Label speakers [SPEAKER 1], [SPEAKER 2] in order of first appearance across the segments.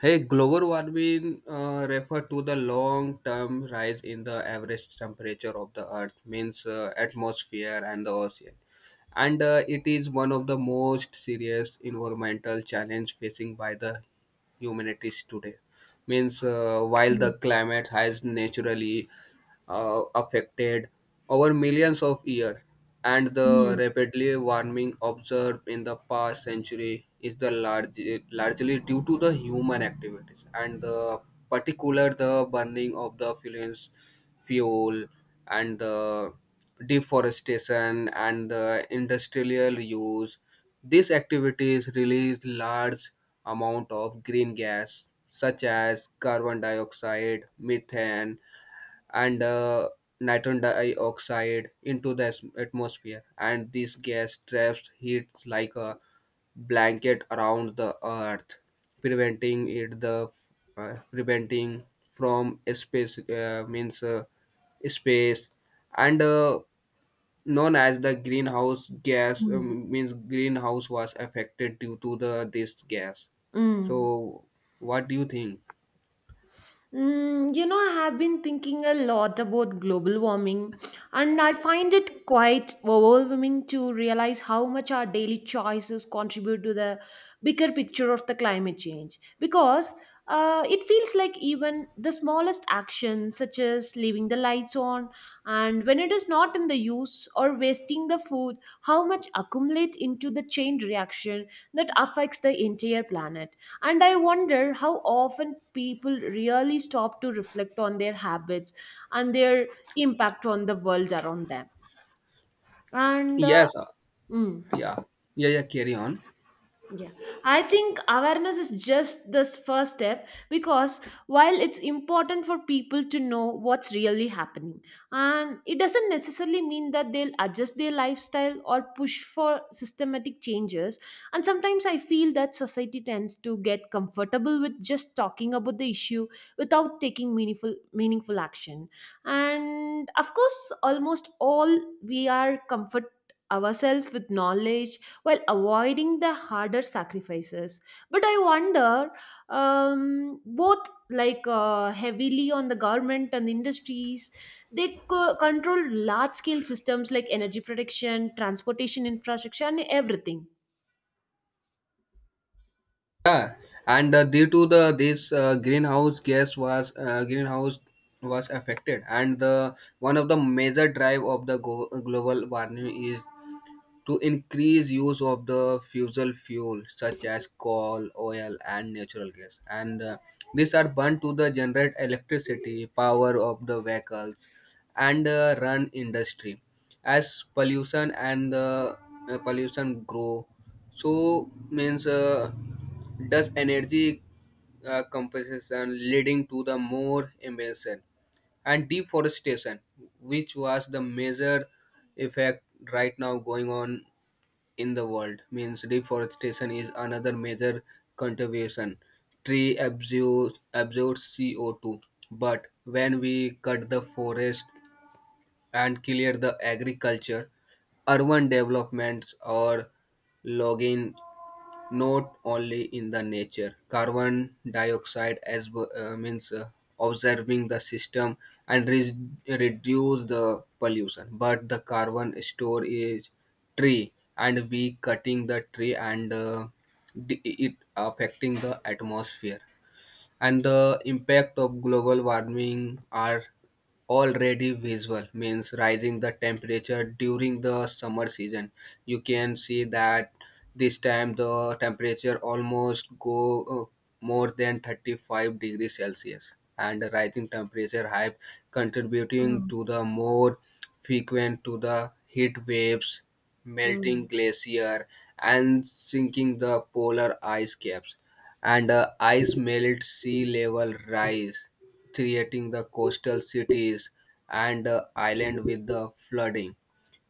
[SPEAKER 1] Hey, global warming refer to the long-term rise in the average temperature of the Earth, means atmosphere and the ocean, and it is one of the most serious environmental challenge facing by the humanities today. Means while
[SPEAKER 2] Mm,
[SPEAKER 1] the climate has naturally affected over millions of years, and the
[SPEAKER 2] mm,
[SPEAKER 1] rapidly warming observed in the past century is the largely due to the human activities and the particular the burning of the fuels, fuel and the deforestation and the industrial use. These activities release large amount of green gas such as carbon dioxide, methane, and nitrogen dioxide into the atmosphere, and this gas traps heat like a blanket around the earth preventing it the preventing from space means space and known as the greenhouse gas,
[SPEAKER 2] mm,
[SPEAKER 1] means greenhouse was affected due to the this gas.
[SPEAKER 2] mm.
[SPEAKER 1] So what do you think?
[SPEAKER 2] I have been thinking a lot about global warming, and I find it quite overwhelming to realize how much our daily choices contribute to the bigger picture of the climate change. Because it feels like even the smallest actions, such as leaving the lights on, and when it is not in the use or wasting the food, how much accumulate into the chain reaction that affects the entire planet. And I wonder how often people really stop to reflect on their habits and their impact on the world around them. And
[SPEAKER 1] Yes,
[SPEAKER 2] Mm.
[SPEAKER 1] yeah yeah, yeah, carry on.
[SPEAKER 2] Yeah, I think awareness is just the first step because while it's important for people to know what's really happening, and it doesn't necessarily mean that they'll adjust their lifestyle or push for systematic changes. And sometimes I feel that society tends to get comfortable with just talking about the issue without taking meaningful action. And of course, almost all we are comfort ourselves with knowledge while avoiding the harder sacrifices, but I wonder, both heavily on the government and the industries, they control large scale systems like energy production, transportation, infrastructure, and everything.
[SPEAKER 1] Yeah, and due to the this greenhouse gas was greenhouse was affected, and the one of the major drive of the global warming is to increase use of the fossil fuel such as coal oil and natural gas, and these are burned to the generate electricity power of the vehicles and run industry as pollution, and pollution grow. So means does energy compensation leading to the more emission and deforestation, which was the major effect right now going on in the world. Means deforestation is another major contribution. Tree absorbs CO2, but when we cut the forest and clear the agriculture, urban developments or logging, not only in the nature carbon dioxide as w- means observing the system and reduce the pollution but the carbon store is tree, and we cutting the tree, and it affecting the atmosphere. And the impact of global warming are already visible, means rising the temperature during the summer season you can see that this time the temperature almost go more than 35 degrees celsius, and the rising temperature have contributing
[SPEAKER 2] Mm,
[SPEAKER 1] to the more frequent to the heat waves, melting
[SPEAKER 2] mm.
[SPEAKER 1] glacier, and sinking the polar ice caps, and ice melt sea level rise, creating the coastal cities and island with the flooding.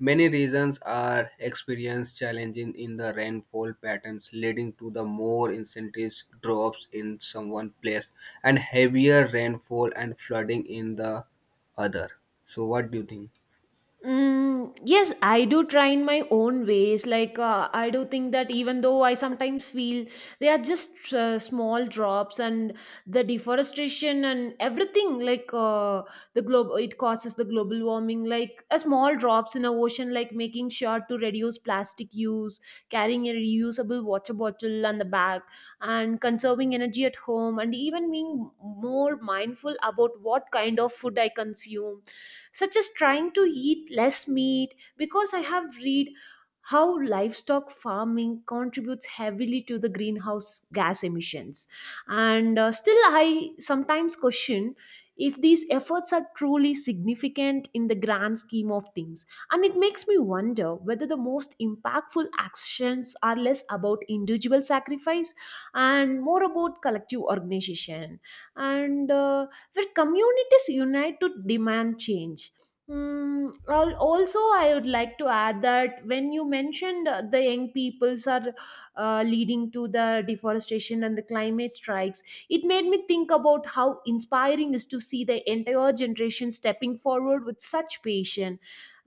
[SPEAKER 1] Many regions are experiencing challenges in the rainfall patterns, leading to the more intense drops in some one place and heavier rainfall and flooding in the other. So, what do you think?
[SPEAKER 2] Mm, yes, I do try in my own ways. Like, I do think that even though I sometimes feel they are just small drops, and the deforestation and everything, the globe, it causes the global warming, like a small drops in a ocean, like making sure to reduce plastic use, carrying a reusable water bottle and the bag, and conserving energy at home, and even being more mindful about what kind of food I consume, such as trying to eat less meat because I have read how livestock farming contributes heavily to the greenhouse gas emissions. And Still, I sometimes question if these efforts are truly significant in the grand scheme of things. And it makes me wonder whether the most impactful actions are less about individual sacrifice and more about collective organization. And where communities unite to demand change. Mm, also, I would like to add that when you mentioned the young peoples are leading to the deforestation and the climate strikes, it made me think about how inspiring is to see the entire generation stepping forward with such passion,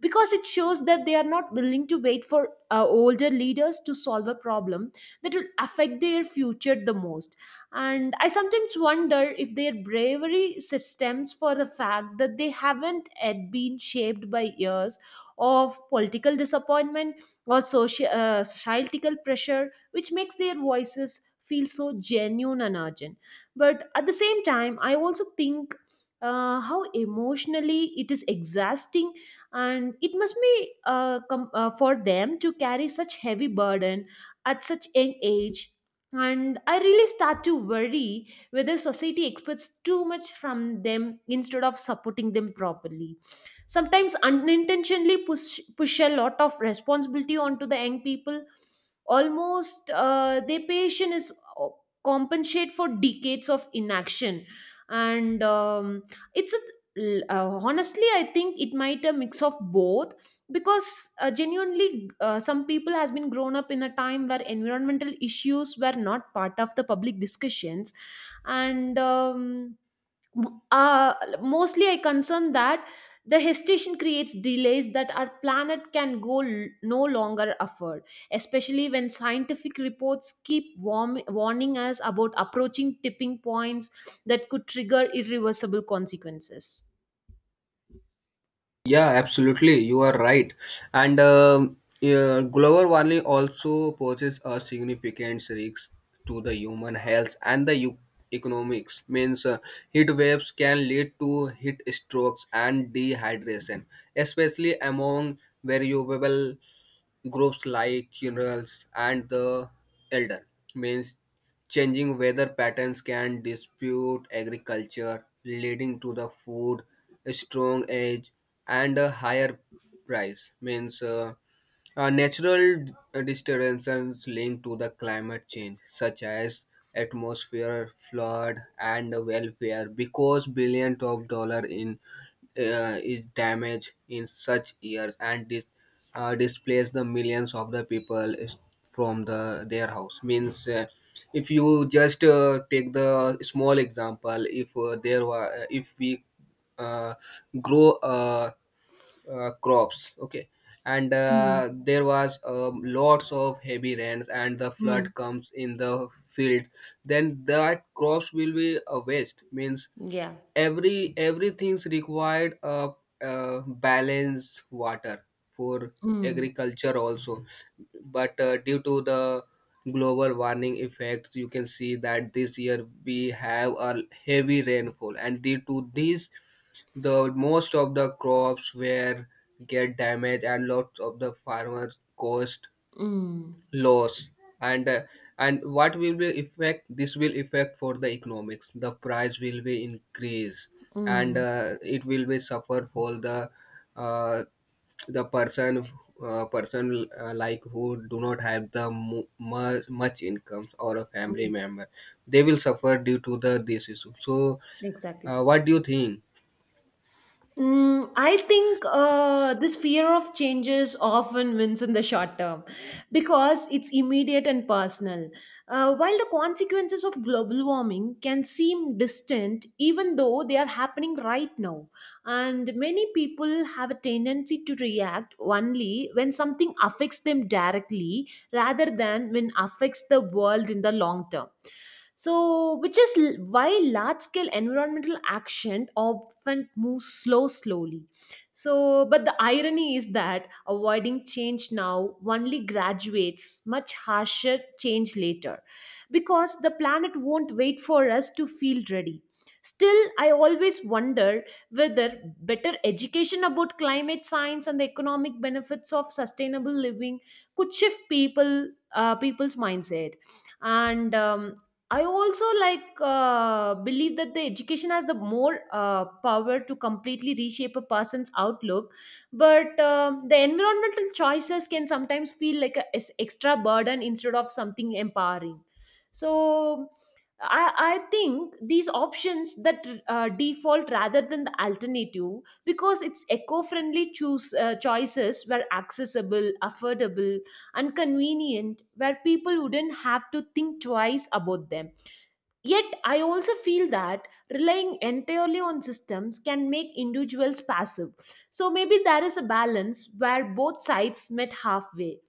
[SPEAKER 2] because it shows that they are not willing to wait for older leaders to solve a problem that will affect their future the most. And I sometimes wonder if their bravery stems for the fact that they haven't yet been shaped by years of political disappointment or social societal pressure, which makes their voices feel so genuine and urgent. But at the same time, I also think, how emotionally it is exhausting, and it must be for them to carry such heavy burden at such young age. And I really start to worry whether society expects too much from them instead of supporting them properly, sometimes unintentionally push a lot of responsibility onto the young people, almost their patient is uh, compensate for decades of inaction. And it's a l- Honestly, I think it might a mix of both, because genuinely some people has been grown up in a time where environmental issues were not part of the public discussions. And uh, Mostly I concern that the hesitation creates delays that our planet can no longer afford, especially when scientific reports keep warning us about approaching tipping points that could trigger irreversible consequences.
[SPEAKER 1] Yeah, absolutely. You are right. And yeah, global warming also poses a significant risk to the human health and the economics. Means heat waves can lead to heat strokes and dehydration, especially among variable groups like generals and the elder. Means changing weather patterns can dispute agriculture leading to the food strong age and a higher price. Means natural disturbances linked to the climate change such as atmosphere flood and welfare, because billions of dollars in is damaged in such years, and this displace the millions of the people from the their house. Means if you just take the small example, if there were, if we uh, grow crops, okay, and
[SPEAKER 2] Mm.
[SPEAKER 1] there was lots of heavy rains and the
[SPEAKER 2] Mm.
[SPEAKER 1] flood comes in the field, then that crops will be a waste. Means
[SPEAKER 2] Yeah.
[SPEAKER 1] everything's required a, uh, balanced water for
[SPEAKER 2] Mm.
[SPEAKER 1] agriculture also, but due to the global warming effects you can see that this year we have a heavy rainfall, and due to this the most of the crops were get damaged and lots of the farmers cost
[SPEAKER 2] Mm.
[SPEAKER 1] loss. And uh, and what will be effect, this will affect for the economics, the price will be increase, and
[SPEAKER 2] Mm,
[SPEAKER 1] it will be suffer for the uh, the person person like who do not have the much incomes or a family
[SPEAKER 2] mm.
[SPEAKER 1] member. They will suffer due to the this issue. So
[SPEAKER 2] Exactly.
[SPEAKER 1] what do you think?
[SPEAKER 2] Mm, I think this fear of changes often wins in the short term because it's immediate and personal. While the consequences of global warming can seem distant, even though they are happening right now, and many people have a tendency to react only when something affects them directly rather than when affects the world in the long term. So, which is why large scale environmental action often moves slowly. So, but the irony is that avoiding change now only graduates much harsher change later because the planet won't wait for us to feel ready. Still, I always wonder whether better education about climate science and the economic benefits of sustainable living could shift people's mindset. And I also like believe that the education has the more power to completely reshape a person's outlook, but um, the environmental choices can sometimes feel like an extra burden instead of something empowering. So, I think these options that default rather than the alternative, because it's eco-friendly choose choices were accessible, affordable, and convenient, where people wouldn't have to think twice about them. Yet, I also feel that relying entirely on systems can make individuals passive. So, maybe there is a balance where both sides met halfway.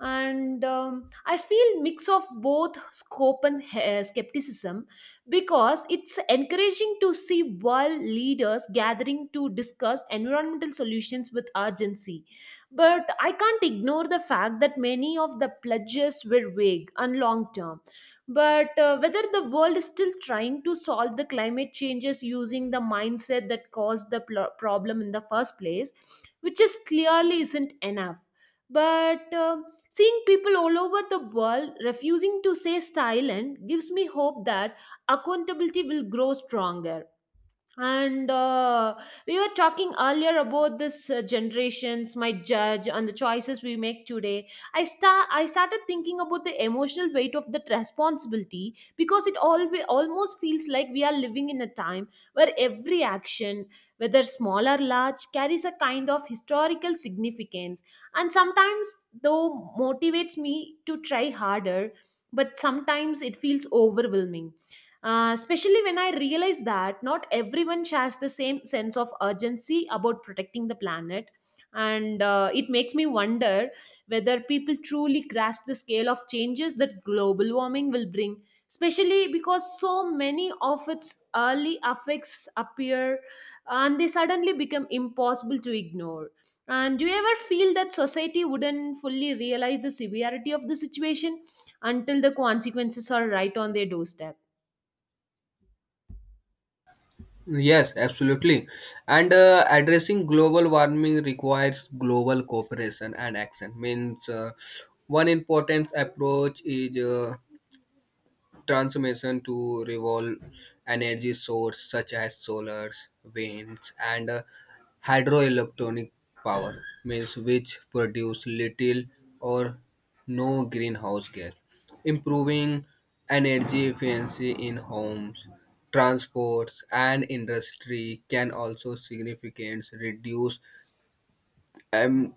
[SPEAKER 2] And I feel mix of both scope and skepticism, because it's encouraging to see world leaders gathering to discuss environmental solutions with urgency, but I can't ignore the fact that many of the pledges were vague and long term. But whether the world is still trying to solve the climate changes using the mindset that caused the problem in the first place, which is clearly isn't enough. But seeing people all over the world refusing to say silent gives me hope that accountability will grow stronger. And we were talking earlier about this generations might judge and the choices we make today. I started thinking about the emotional weight of that responsibility because it always almost feels like we are living in a time where every action, whether small or large, carries a kind of historical significance. And sometimes though motivates me to try harder, but sometimes it feels overwhelming, especially when I realized that not everyone shares the same sense of urgency about protecting the planet. And it makes me wonder whether people truly grasp the scale of changes that global warming will bring, especially because so many of its early effects appear and they suddenly become impossible to ignore. And do you ever feel that society wouldn't fully realize the severity of the situation until the consequences are right on their doorstep?
[SPEAKER 1] Yes, absolutely. And addressing global warming requires global cooperation and action. Means one important approach is transformation to revolve energy source such as solar, winds, and hydroelectronic power, means which produce little or no greenhouse gas. Improving energy efficiency in homes, transports, and industry can also significantly reduce um,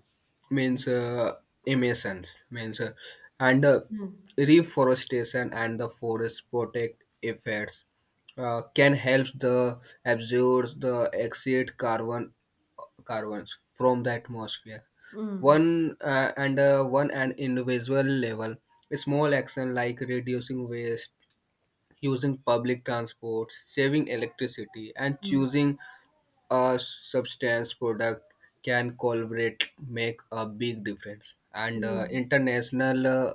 [SPEAKER 1] means emissions. Means and
[SPEAKER 2] Mm.
[SPEAKER 1] reforestation and the forest protect effects can help the absorb the exit carbon carbons from the atmosphere.
[SPEAKER 2] Mm.
[SPEAKER 1] One and individual level, small action like reducing waste, using public transport, saving electricity, and
[SPEAKER 2] Mm.
[SPEAKER 1] choosing a substance product can collaborate make a big difference. And
[SPEAKER 2] Mm.
[SPEAKER 1] international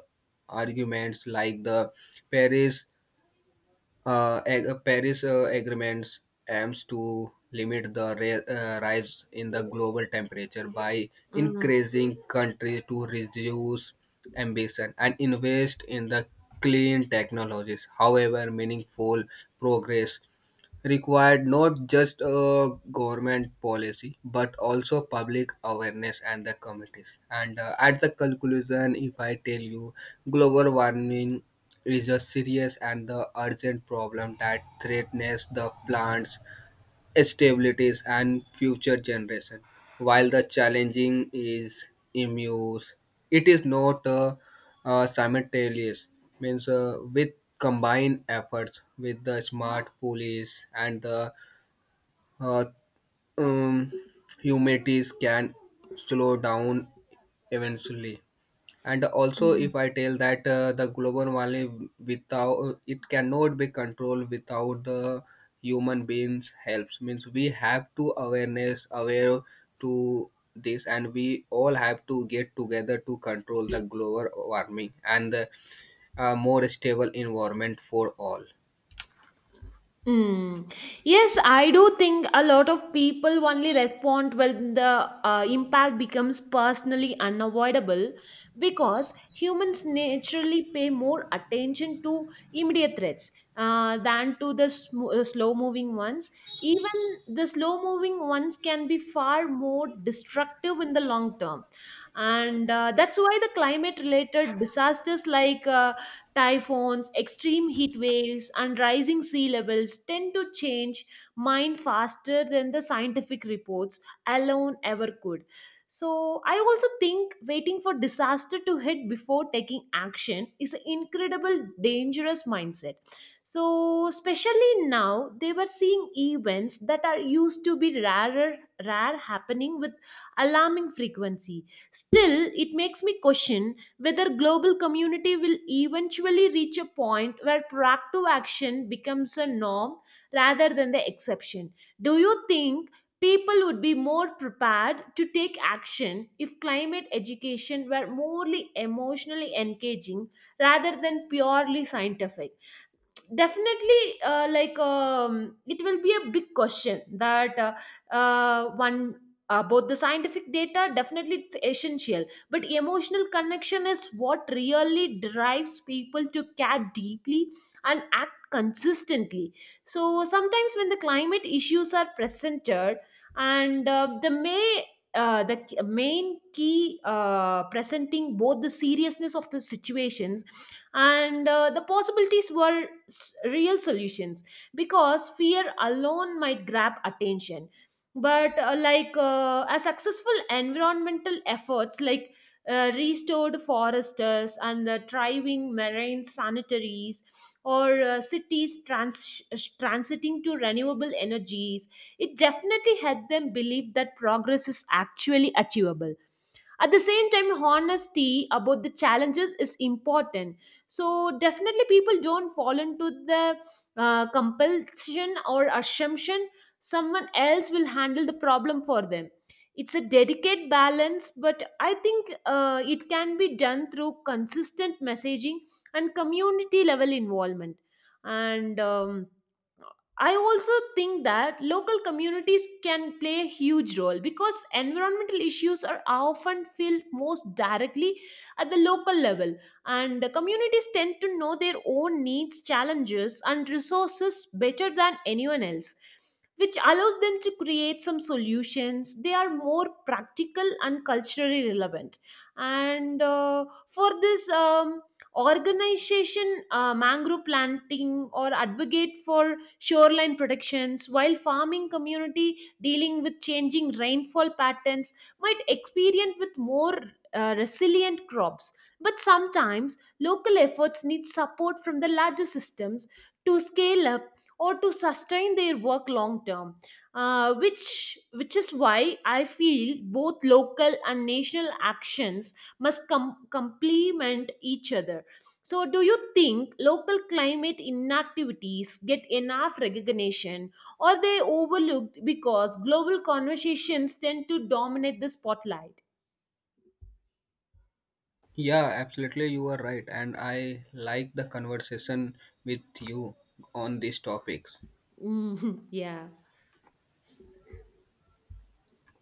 [SPEAKER 1] arguments like the paris paris agreements aims to limit the rise in the global temperature by
[SPEAKER 2] Mm.
[SPEAKER 1] increasing countries to reduce ambition and invest in the clean technologies. However, meaningful progress required not just a government policy but also public awareness and the committees. And at the conclusion, if I tell you, global warming is a serious and the urgent problem that threatens the plants stabilities and future generation. While the challenging is immense, it is not simultaneous. Means with combined efforts with the smart police and the uh, um, humanities can slow down eventually. And also,
[SPEAKER 2] Mm.
[SPEAKER 1] if I tell that the global warming without it cannot be controlled without the human beings helps, means we have to awareness aware to this, and we all have to get together to control the global warming, and a more stable environment for all.
[SPEAKER 2] Mm. Yes, I do think a lot of people only respond when the impact becomes personally unavoidable, because humans naturally pay more attention to immediate threats than to the slow-moving ones. Even the slow-moving ones can be far more destructive in the long term, and that's why the climate-related disasters like typhoons, extreme heat waves, and rising sea levels tend to change mind faster than the scientific reports alone ever could. So, I also think waiting for disaster to hit before taking action is an incredible dangerous mindset. So, especially now, they were seeing events that are used to be rare happening with alarming frequency. Still, it makes me question whether global community will eventually reach a point where proactive action becomes a norm rather than the exception. Do you think people would be more prepared to take action if climate education were morely emotionally engaging rather than purely scientific? Definitely, it will be a big question that one, both the scientific data, definitely it's essential, but emotional connection is what really drives people to care deeply and act consistently. So sometimes when the climate issues are presented, and the may the k- main key presenting both the seriousness of the situations and the possibilities were real solutions, because fear alone might grab attention. But a successful environmental efforts like restored forests and the thriving marine sanitaries, or cities transiting to renewable energies, it definitely helped them believe that progress is actually achievable. At the same time, honesty about the challenges is important, so definitely people don't fall into the compulsion or assumption someone else will handle the problem for them. It's a delicate balance, but I think it can be done through consistent messaging and community level involvement. And I also think that local communities can play a huge role because environmental issues are often felt most directly at the local level, and the communities tend to know their own needs, challenges, and resources better than anyone else, which allows them to create some solutions. They are more practical and culturally relevant, and for this. Organization mangrove planting or advocate for shoreline protections, while farming community dealing with changing rainfall patterns might experience with more resilient crops. But sometimes local efforts need support from the larger systems to scale up or to sustain their work long term, which is why I feel both local and national actions must complement each other. So, do you think local climate inactivities get enough recognition or they overlooked because global conversations tend to dominate the spotlight?
[SPEAKER 1] Yeah, absolutely, you are right, and I like the conversation with you on these topics.
[SPEAKER 2] Yeah.